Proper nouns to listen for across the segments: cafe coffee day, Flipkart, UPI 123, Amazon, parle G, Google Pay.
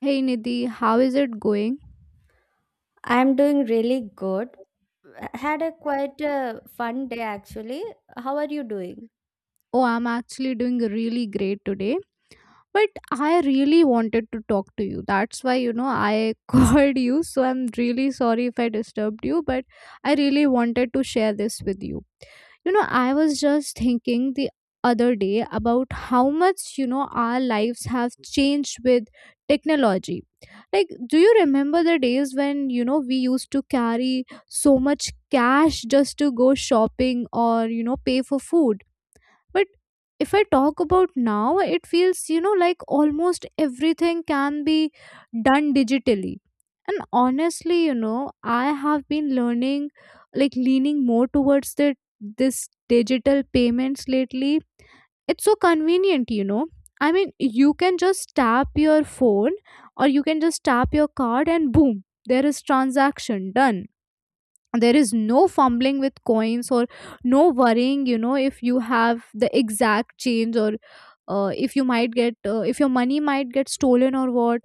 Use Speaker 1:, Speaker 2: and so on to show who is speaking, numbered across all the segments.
Speaker 1: Hey Nidhi, how is it going?
Speaker 2: I'm doing really good. Had a quite a fun day actually. How are you doing?
Speaker 1: Oh, I'm actually doing really great today. But I really wanted to talk to you. That's why, I called you. So I'm really sorry if I disturbed you, but I really wanted to share this with you. I was just thinking the other day about how much our lives have changed with technology. Like, do you remember the days when we used to carry so much cash just to go shopping or pay for food? But if I talk about now, it feels, like almost everything can be done digitally. And honestly, I have been like leaning more towards the this digital payments lately. It's so convenient. I mean, you can just tap your phone or you can just tap your card and boom, there is transaction done. There is no fumbling with coins or no worrying if you have the exact change, or if your money might get stolen or what.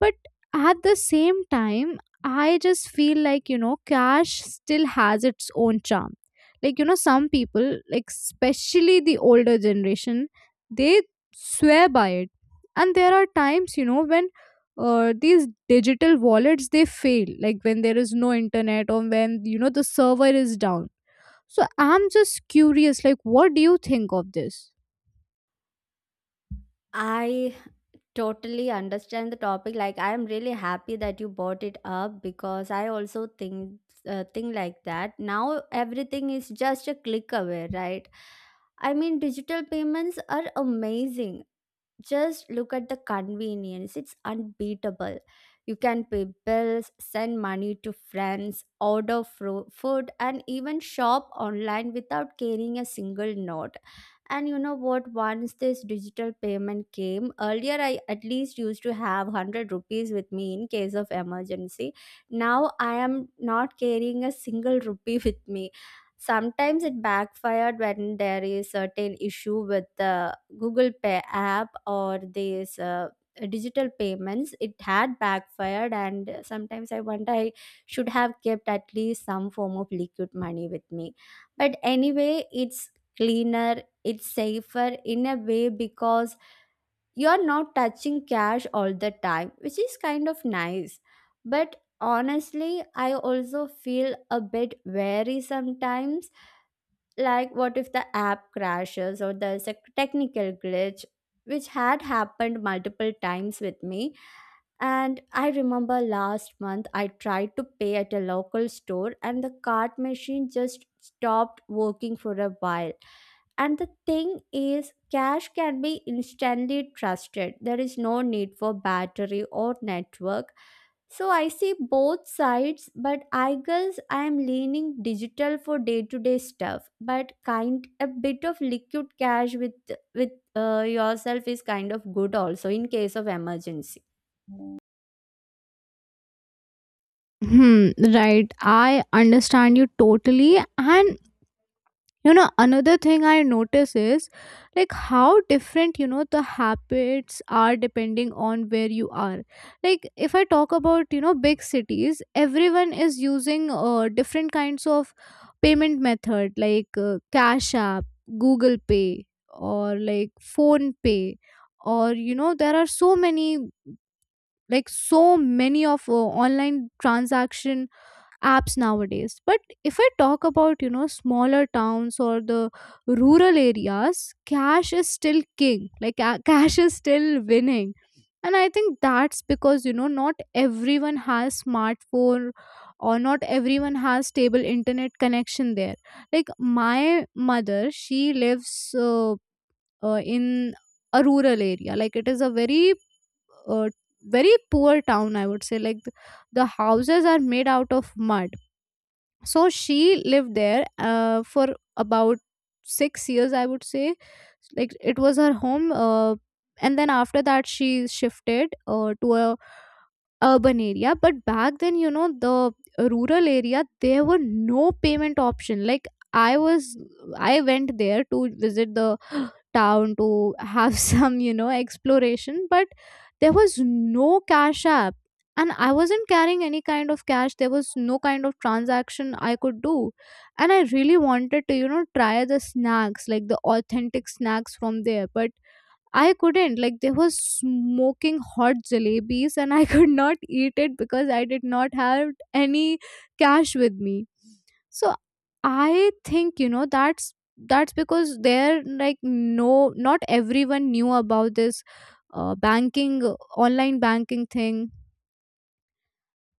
Speaker 1: But at the same time, I just feel like, cash still has its own charm. Like, some people, like especially the older generation, they swear by it. And there are times, when these digital wallets they fail, like when there is no internet or when the server is down. So I'm just curious, like what do you think of this?
Speaker 2: I totally understand the topic. Like I'm really happy that you brought it up because I also think think like that. Now everything is just a click away, right? I mean, digital payments are amazing. Just look at the convenience, it's unbeatable. You can pay bills, send money to friends, order food, and even shop online without carrying a single note. And you know what? Once this digital payment came, earlier I at least used to have 100 rupees with me in case of emergency. Now I am not carrying a single rupee with me. Sometimes it backfired when there is certain issue with the Google Pay app or these digital payments. It had backfired, and sometimes I wonder I should have kept at least some form of liquid money with me. But anyway, it's cleaner, it's safer in a way because you're not touching cash all the time, which is kind of nice. But honestly, I also feel a bit wary sometimes. Like, what if the app crashes or there's a technical glitch, which had happened multiple times with me? And I remember last month I tried to pay at a local store and the card machine just stopped working for a while. And the thing is, cash can be instantly trusted. There is no need for battery or network. So I see both sides, but I guess I am leaning digital for day-to-day stuff. But kind a bit of liquid cash with yourself is kind of good also in case of emergency.
Speaker 1: Hmm, right. I understand you totally. And you know another thing I notice is like how different the habits are depending on where you are. Like, if I talk about big cities, everyone is using different kinds of payment method, like Cash App, Google Pay, or like Phone Pay, or there are so many of online transaction apps nowadays. But if I talk about smaller towns or the rural areas, cash is still king. Like cash is still winning. And I think that's because not everyone has smartphone or not everyone has stable internet connection there. Like my mother, she lives in a rural area. Like it is a very uh, very poor town, I would say. Like the houses are made out of mud. So she lived there for about 6 years, I would say. Like it was her home and then after that she shifted to a urban area. But back then the rural area, there were no payment option. Like i was I went there to visit the town to have some exploration. But there was no Cash App and I wasn't carrying any kind of cash. There was no kind of transaction I could do. And I really wanted to try the snacks, like the authentic snacks from there. But I couldn't. Like they were smoking hot jalebis and I could not eat it because I did not have any cash with me. So I think, that's because there, like, no, not everyone knew about this banking online banking thing.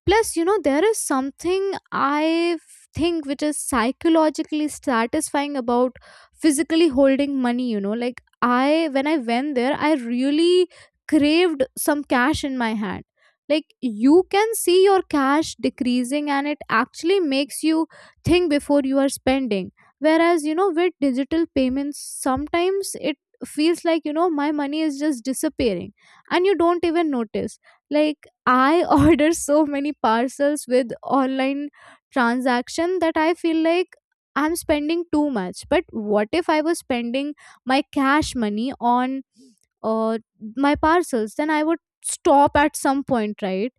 Speaker 1: Plus, there is something I think which is psychologically satisfying about physically holding money. Like, when I went there, I really craved some cash in my hand. Like, you can see your cash decreasing and it actually makes you think before you are spending. Whereas, with digital payments, sometimes it feels like, my money is just disappearing and you don't even notice. Like, I order so many parcels with online transaction that I feel like I'm spending too much. But what if I was spending my cash money on uh, my parcels? Then I would stop at some point, right?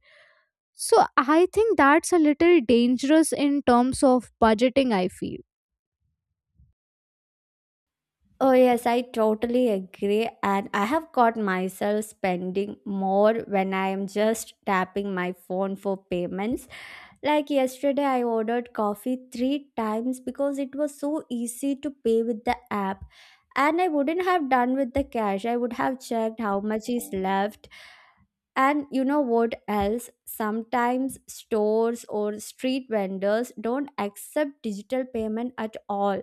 Speaker 1: So I think that's a little dangerous in terms of budgeting, I feel.
Speaker 2: Oh, yes, I totally agree. And I have got myself spending more when I am just tapping my phone for payments. Like yesterday, I ordered coffee three times because it was so easy to pay with the app. And I wouldn't have done with the cash. I would have checked how much is left. And you know what else? Sometimes stores or street vendors don't accept digital payment at all,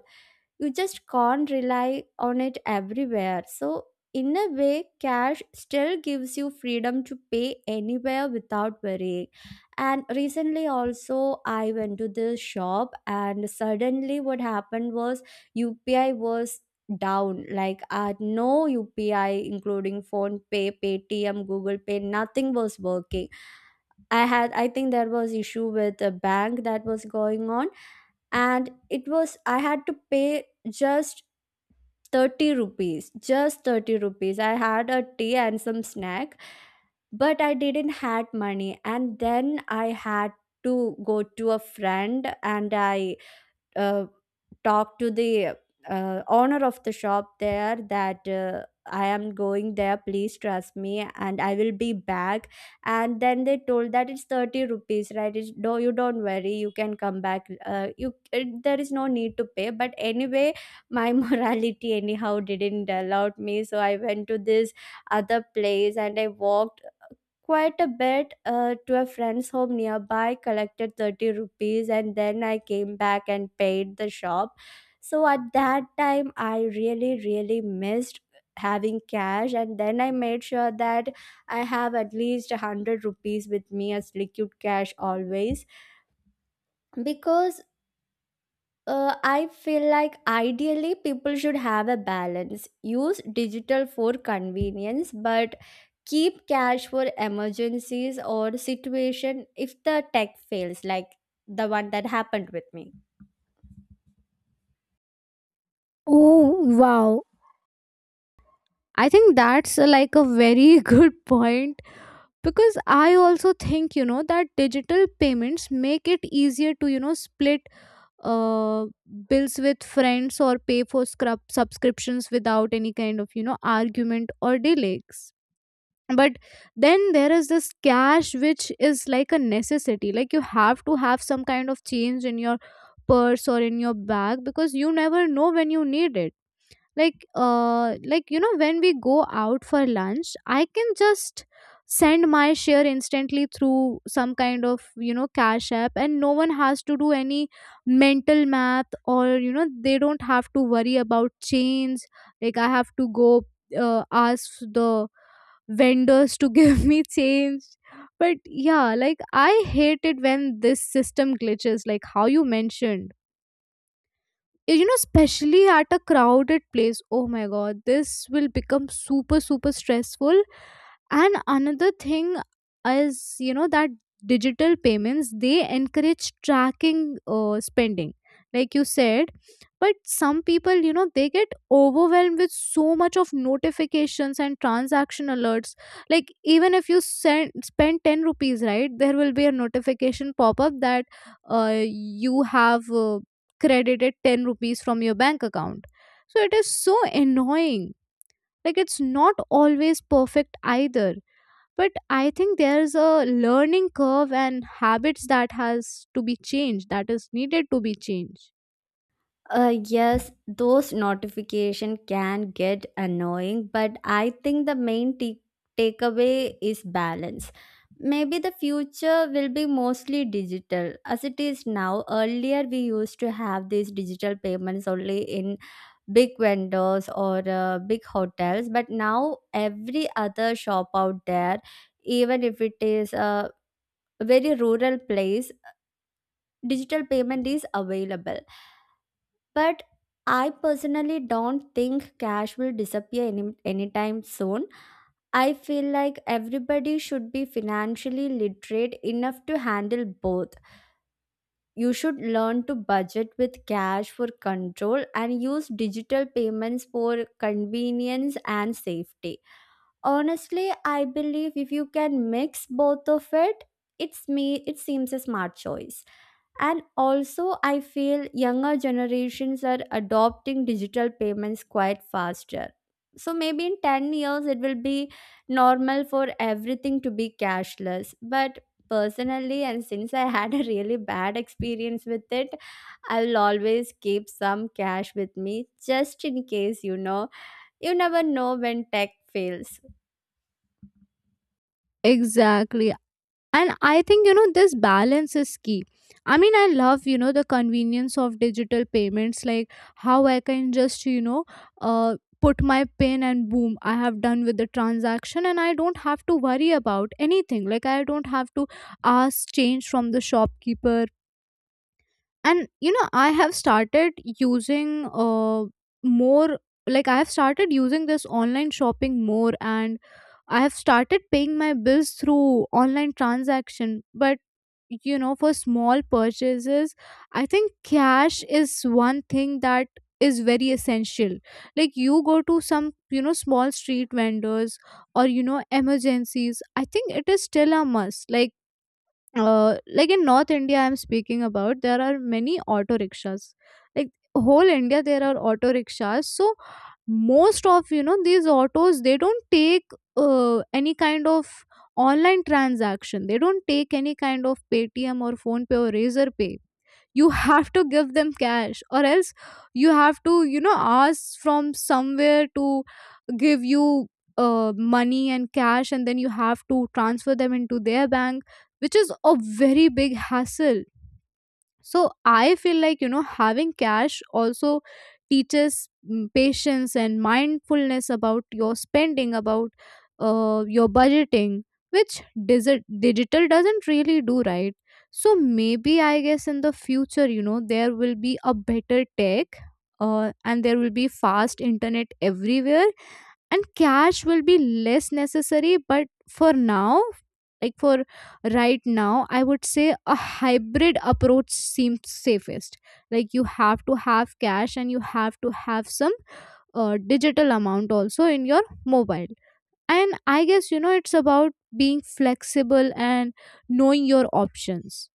Speaker 2: you just can't rely on it everywhere. So, in a way, cash still gives you freedom to pay anywhere without worrying. And recently, also, I went to the shop, and suddenly, what happened was UPI was down. Like I had no UPI, including phone pay, paytm, google pay, nothing was working. I had, I think there was issue with a bank that was going on, and it was, I had to pay just 30 rupees, just 30 rupees. I had a tea and some snack, but I didn't had money. And then I had to go to a friend and I uh, talk to the owner of the shop there that I am going there, please trust me, and I will be back. And then they told that it's 30 rupees, right? It's, no, you don't worry, you can come back. There is no need to pay, but anyway, my morality, anyhow, didn't allow me. So I went to this other place and I walked quite a bit to a friend's home nearby, collected 30 rupees, and then I came back and paid the shop. So at that time, I really, really missed having cash, and then I made sure that I have at least 100 rupees with me as liquid cash always, because I feel like ideally people should have a balance. Use digital for convenience, but keep cash for emergencies or situation if the tech fails, like the one that happened with me.
Speaker 1: Oh, wow. I think that's like a very good point, because I also think you know that digital payments make it easier to split uh, bills with friends or pay for scrub subscriptions without any kind of argument or delays. But then there is this cash which is like a necessity. Like you have to have some kind of change in your purse or in your bag because you never know when you need it. Like, like when we go out for lunch, I can just send my share instantly through some kind of Cash App, and no one has to do any mental math or they don't have to worry about chains. Like I have to go ask the vendors to give me change. But yeah, like I hate it when this system glitches, like how you mentioned, especially at a crowded place. Oh my god, this will become super super stressful. And another thing is you know that digital payments they encourage tracking spending, like you said. But some people they get overwhelmed with so much of notifications and transaction alerts. Like even if you spend 10 rupees, right, there will be a notification pop up that you have credited 10 rupees from your bank account. So it is so annoying. Like it's not always perfect either. But I think there's a learning curve and habits that has to be changed, that is needed to be changed.
Speaker 2: Yes, those notification can get annoying, but I think the main takeaway is balance. Maybe the future will be mostly digital as it is now. Earlier, we used to have these digital payments only in big vendors or big hotels, but now every other shop out there, even if it is a very rural place, digital payment is available, but I personally don't think cash will disappear anytime soon. I feel like everybody should be financially literate enough to handle both. You should learn to budget with cash for control and use digital payments for convenience and safety. Honestly, I believe if you can mix both of it, it's me it seems a smart choice. And also I feel younger generations are adopting digital payments quite faster, so maybe in 10 years it will be normal for everything to be cashless. But personally, and since I had a really bad experience with it, I will always keep some cash with me, just in case, you know, you never know when tech fails.
Speaker 1: Exactly. And I think you know this balance is key. I mean, I love the convenience of digital payments, like how I can just uh, put my pin and boom, I have done with the transaction and I don't have to worry about anything. Like I don't have to ask change from the shopkeeper. And I have started using uh, more, like I have started using this online shopping more. And I have started paying my bills through online transaction. But for small purchases, I think cash is one thing that is very essential. Like you go to some small street vendors, or emergencies, I think it is still a must. Like like in North India I'm speaking about, there are many auto rickshaws. Like whole India there are auto rickshaws. So most of these autos they don't take any kind of online transaction. They don't take any kind of Paytm or Phone Pay or Razor Pay. You have to give them cash, or else you have to ask from somewhere to give you money and cash, and then you have to transfer them into their bank, which is a very big hassle. So I feel like having cash also teaches patience and mindfulness about your spending, about your budgeting, which digital doesn't really do, right? So maybe I guess in the future there will be a better tech and there will be fast internet everywhere. And cash will be less necessary. But for now, like for right now, I would say a hybrid approach seems safest. Like you have to have cash and you have to have some digital amount also in your mobile. And I guess it's about being flexible and knowing your options.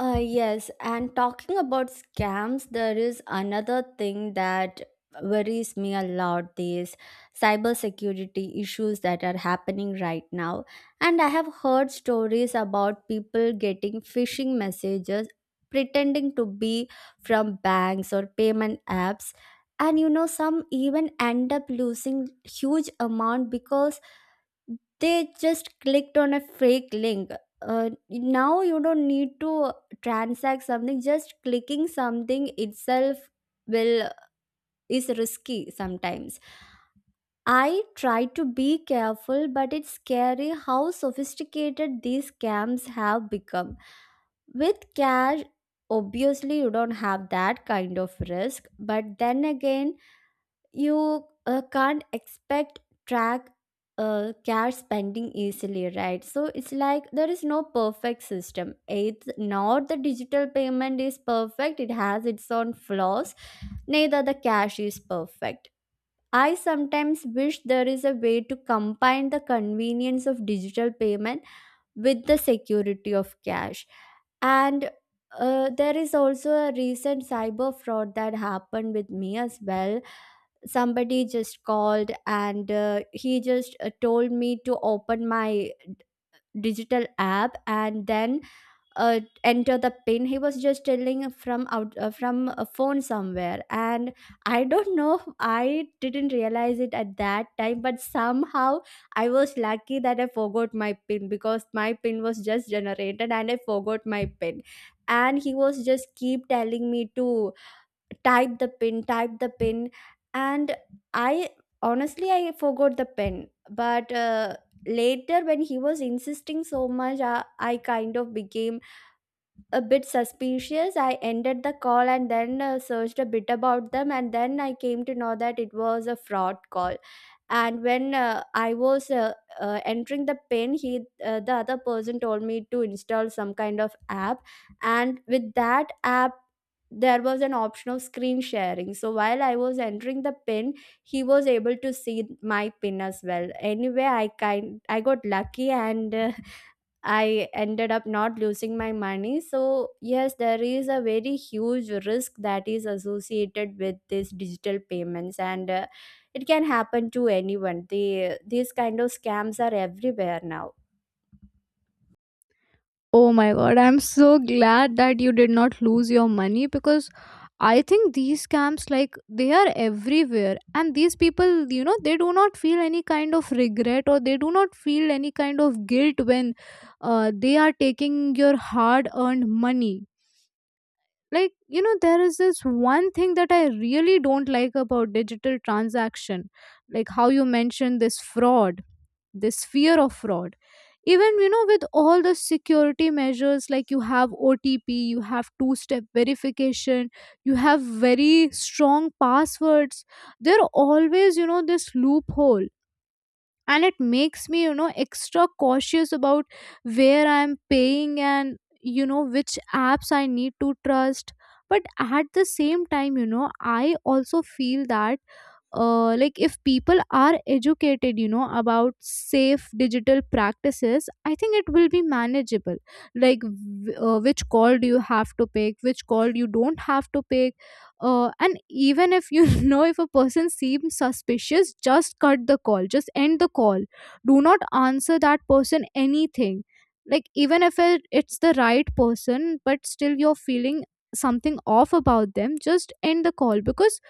Speaker 2: Yes, and talking about scams, there is another thing that worries me a lot, these cybersecurity issues that are happening right now. And I have heard stories about people getting phishing messages pretending to be from banks or payment apps. And you know, some even end up losing huge amount because they just clicked on a fake link. Now you don't need to transact something, just clicking something itself will, is risky sometimes. I try to be careful, but it's scary how sophisticated these scams have become. With cash, obviously you don't have that kind of risk, but then again, you can't expect track cash spending easily, right? So it's like there is no perfect system. It's not the digital payment is perfect, it has its own flaws, neither the cash is perfect. I sometimes wish there is a way to combine the convenience of digital payment with the security of cash. And there is also a recent cyber fraud that happened with me as well. Somebody just called and he just told me to open my digital app and then enter the pin. He was just telling from out from a phone somewhere, and I don't know, I didn't realize it at that time, but somehow I was lucky that I forgot my pin, because my pin was just generated and I forgot my pin. And he was just keep telling me to type the pin, type the pin. And I, honestly I forgot the pin, but later when he was insisting so much, I kind of became a bit suspicious. I ended the call and then searched a bit about them, and then I came to know that it was a fraud call. And when I was entering the pin, he the other person told me to install some kind of app, and with that app there was an option of screen sharing. So while I was entering the pin, he was able to see my pin as well. Anyway, I got lucky, and I ended up not losing my money. So, yes, there is a very huge risk that is associated with these digital payments, and it can happen to anyone. These kind of scams are everywhere now.
Speaker 1: Oh my god, I'm so glad that you did not lose your money, because I think these scams, like they are everywhere, and these people they do not feel any kind of regret, or they do not feel any kind of guilt when they are taking your hard earned money. Like there is this one thing that I really don't like about digital transaction, like how you mentioned this fraud, this fear of fraud. Even with all the security measures, like you have OTP, you have two step verification, you have very strong passwords, there are always this loophole, and it makes me extra cautious about where I'm paying and which apps I need to trust. But at the same time I also feel that like if people are educated about safe digital practices, I think it will be manageable. Like which call do you have to pick, which call you don't have to pick, and even if you know, if a person seems suspicious, just cut the call, just end the call, do not answer that person anything. Like even if it's the right person, but still you're feeling something off about them, just end the call. Because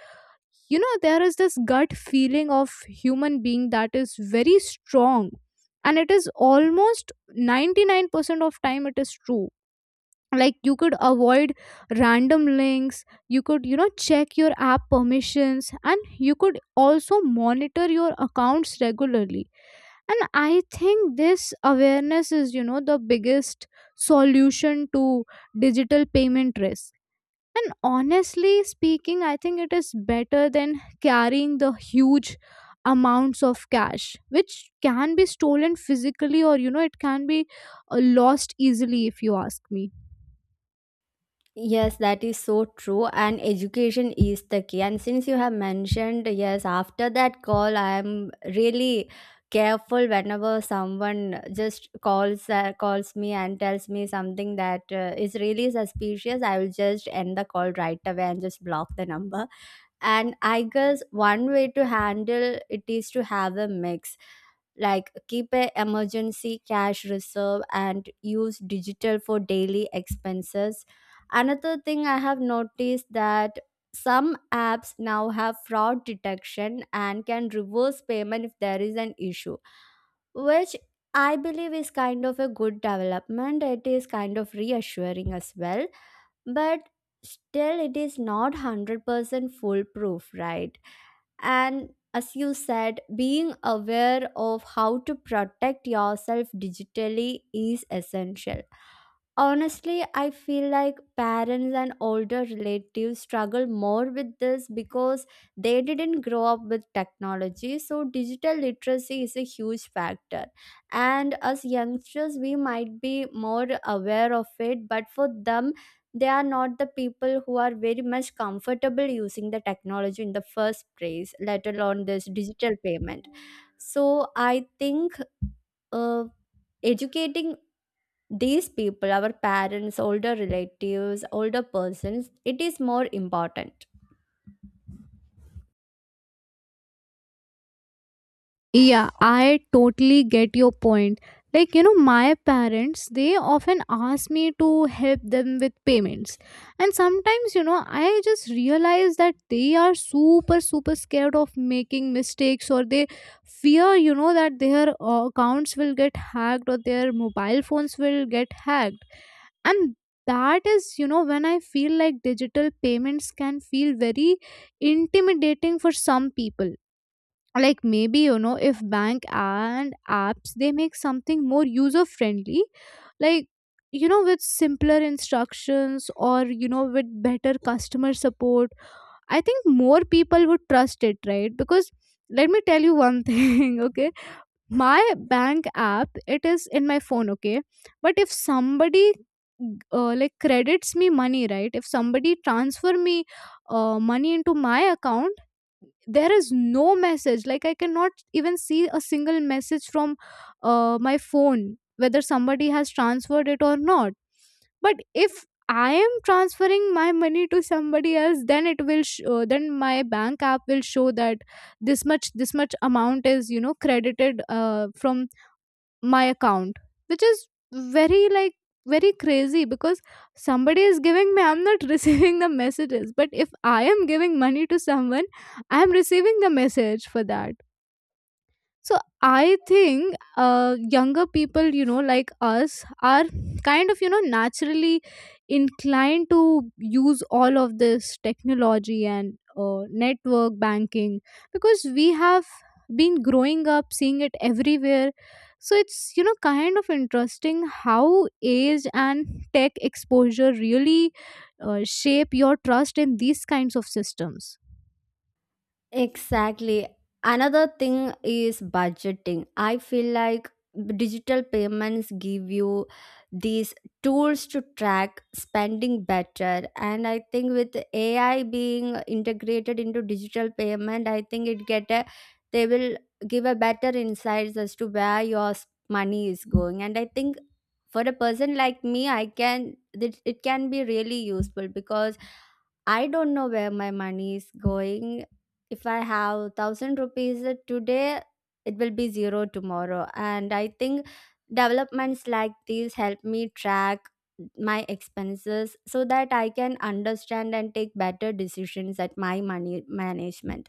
Speaker 1: there is this gut feeling of human being that is very strong, and it is almost 99% of time it is true. Like you could avoid random links, you could check your app permissions, and you could also monitor your accounts regularly. And I think this awareness is the biggest solution to digital payment risk. And honestly speaking, I think it is better than carrying the huge amounts of cash, which can be stolen physically, or, you know, it can be lost easily if you ask me.
Speaker 2: Yes, that is so true. And education is the key. And since you have mentioned, yes, after that call, I am really careful whenever someone just calls me and tells me something that is really suspicious. I will just end the call right away and just block the number. And I guess one way to handle it is to have a mix, like keep a emergency cash reserve and use digital for daily expenses. Another thing I have noticed that some apps now have fraud detection and can reverse payment if there is an issue, which I believe is kind of a good development. It is kind of reassuring as well, but still it is not 100% foolproof, right? And as you said, being aware of how to protect yourself digitally is essential. Honestly, I feel like parents and older relatives struggle more with this because they didn't grow up with technology. So, digital literacy is a huge factor. And as youngsters, we might be more aware of it, but for them, they are not the people who are very much comfortable using the technology in the first place, let alone this digital payment. So, I think uh, educating these people, our parents, older relatives, older persons, it is more important.
Speaker 1: Yeah, I totally get your point. My parents, they often ask me to help them with payments. And sometimes, I just realize that they are super, super scared of making mistakes, or they fear, that their accounts will get hacked or their mobile phones will get hacked. And that is, when I feel like digital payments can feel very intimidating for some people. Like maybe if bank and apps they make something more user friendly, like with simpler instructions or with better customer support, I think more people would trust it, right? Because let me tell you one thing, okay, my bank app, it is in my phone, okay, but if somebody like credits me money, right, if somebody transfer me money into my account, there is no message, like I cannot even see a single message from my phone whether somebody has transferred it or not. But if I am transferring my money to somebody else, then it will then my bank app will show that this much, this much amount is credited from my account, which is very, like, very crazy. Because somebody is giving me, I'm not receiving the messages, but if I am giving money to someone, I am receiving the message for that. So I think younger people, like us, are kind of, naturally inclined to use all of this technology and network banking, because we have been growing up seeing it everywhere. So it's, kind of interesting how age and tech exposure really shape your trust in these kinds of systems.
Speaker 2: Exactly. Another thing is budgeting. I feel like digital payments give you these tools to track spending better. And I think with AI being integrated into digital payment, I think it get a they will give a better insights as to where your money is going. And I think for a person like me, I can, it can be really useful because I don't know where my money is going. If I have 1,000 rupees today, it will be zero tomorrow. And I think developments like these help me track my expenses so that I can understand and take better decisions at my money management.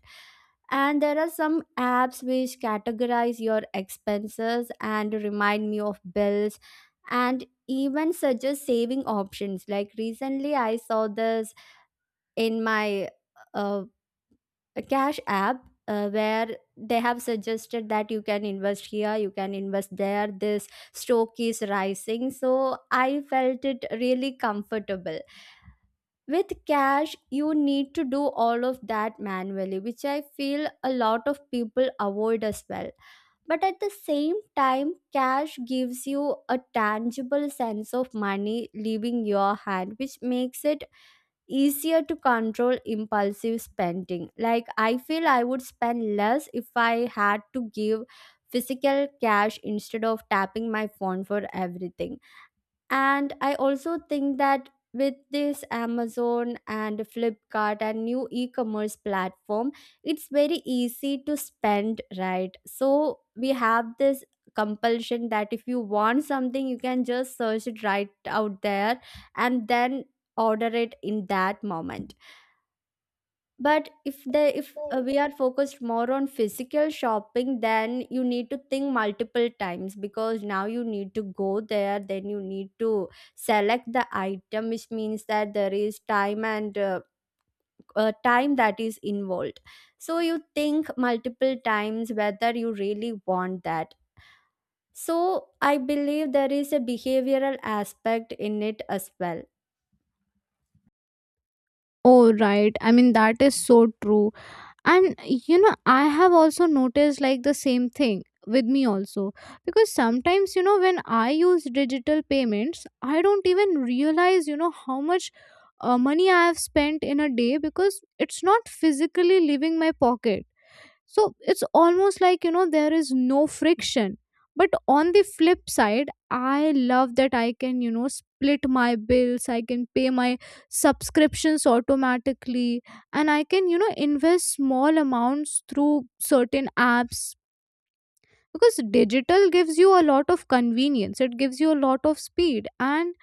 Speaker 2: And there are some apps which categorize your expenses and remind me of bills and even suggest saving options. Like recently, I saw this in my uh, cash app, where they have suggested that you can invest here, you can invest there, this stock is rising. So I felt it really comfortable. With cash, you need to do all of that manually, which I feel a lot of people avoid as well. But at the same time, cash gives you a tangible sense of money leaving your hand, which makes it easier to control impulsive spending. Like, I feel I would spend less if I had to give physical cash instead of tapping my phone for everything. And I also think that with this Amazon and Flipkart and new e commerce platform, it's very easy to spend, right? So we have this compulsion that if you want something, you can just search it right out there and then order it in that moment. But if we are focused more on physical shopping, then you need to think multiple times, because now you need to go there, then you need to select the item, which means that there is time, and time that is involved. So you think multiple times whether you really want that. So I believe there is a behavioral aspect in it as well.
Speaker 1: Oh, right. I mean, that is so true. And I have also noticed like the same thing with me also, because sometimes when I use digital payments, I don't even realize how much money I have spent in a day, because it's not physically leaving my pocket. So it's almost like, there is no friction. But on the flip side, I love that I can, split my bills, I can pay my subscriptions automatically, and I can, invest small amounts through certain apps, because digital gives you a lot of convenience, it gives you a lot of speed, and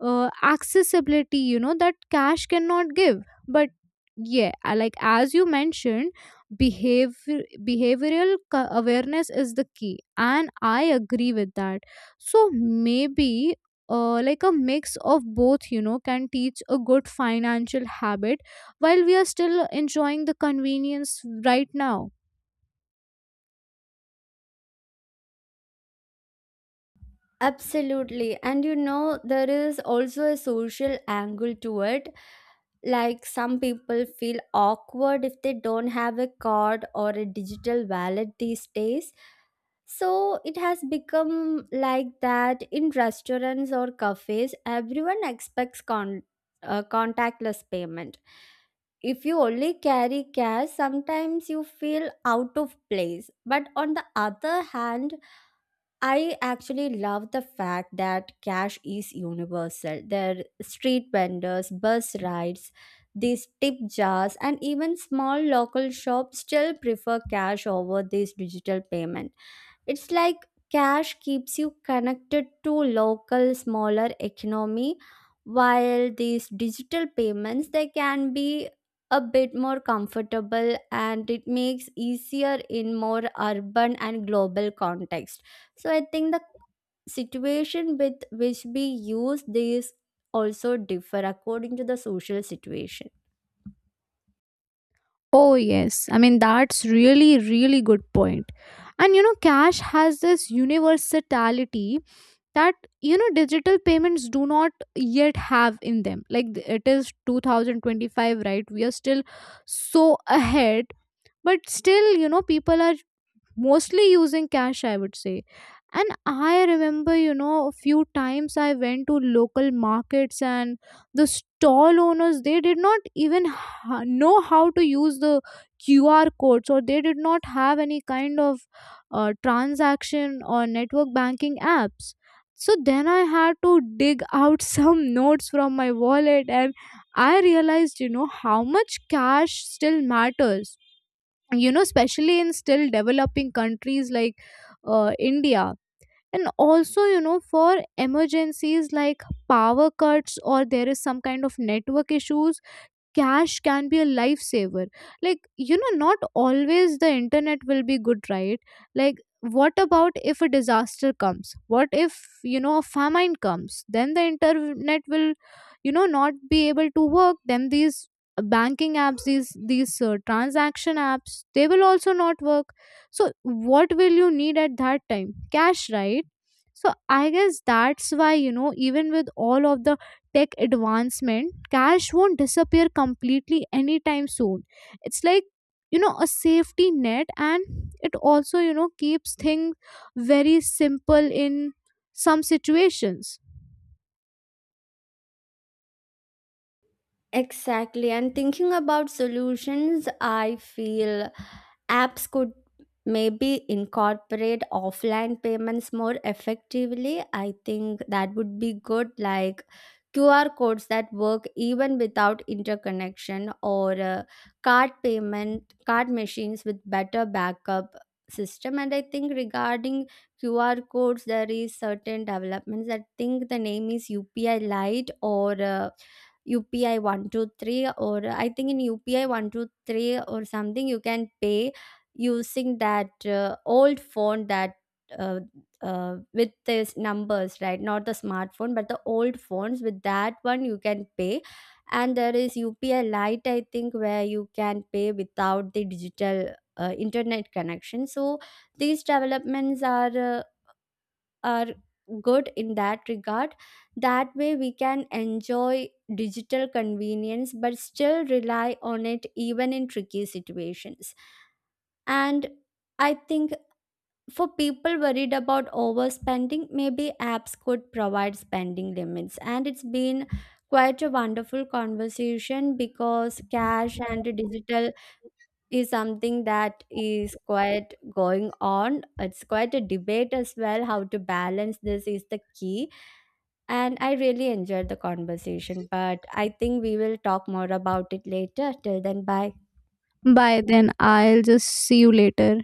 Speaker 1: accessibility that cash cannot give. But yeah, like as you mentioned, behavior behavioral awareness is the key, and I agree with that. So maybe like a mix of both can teach a good financial habit while we are still enjoying the convenience right now.
Speaker 2: Absolutely. And you know, there is also a social angle to it. Like, some people feel awkward if they don't have a card or a digital wallet these days. So it has become like that, in restaurants or cafes, everyone expects contactless payment. If you only carry cash, sometimes you feel out of place. But on the other hand, I actually love the fact that cash is universal. There are street vendors, bus rides, these tip jars, and even small local shops still prefer cash over these digital payments. It's like cash keeps you connected to local smaller economy, while these digital payments, they can be a bit more comfortable, and it makes easier in more urban and global context. So I think the situation with which we use these also differ according to the social situation.
Speaker 1: Oh yes, I mean that's really, really good point. And cash has this universality that digital payments do not yet have in them. Like it is 2025, right, we are still so ahead, but still people are mostly using cash, I would say. And I remember a few times I went to local markets and the stall owners, they did not even know how to use the QR codes, or they did not have any kind of transaction or network banking apps. So then I had to dig out some notes from my wallet, and I realized how much cash still matters, especially in still developing countries like india. And also for emergencies like power cuts, or there is some kind of network issues, cash can be a lifesaver. Like not always the internet will be good, right? Like what about if a disaster comes, what if a famine comes, then the internet will not be able to work, then these banking apps, these transaction apps, they will also not work. So what will you need at that time? Cash, right? So I guess that's why even with all of the tech advancement, cash won't disappear completely anytime soon. It's like a safety net, and it also keeps things very simple in some situations.
Speaker 2: Exactly. And thinking about solutions, I feel apps could maybe incorporate offline payments more effectively. I think that would be good, like QR codes that work even without interconnection, or card payment, card machines with better backup system. And I think, regarding QR codes, there is certain developments. I think the name is UPI Lite, or UPI 123. Or I think in UPI 123 or something, you can pay using that old phone, that uh, with these numbers, right, not the smartphone but the old phones. With that one you can pay. And there is UPI Lite, I think, where you can pay without the digital internet connection. So these developments are good in that regard. That way we can enjoy digital convenience but still rely on it even in tricky situations. And I think for people worried about overspending, maybe apps could provide spending limits. And it's been quite a wonderful conversation, because cash and digital is something that is quite going on. It's quite a debate as well. How to balance this is the key. And I really enjoyed the conversation, but I think we will talk more about it later. Till then, bye.
Speaker 1: Bye then, I'll just see you later.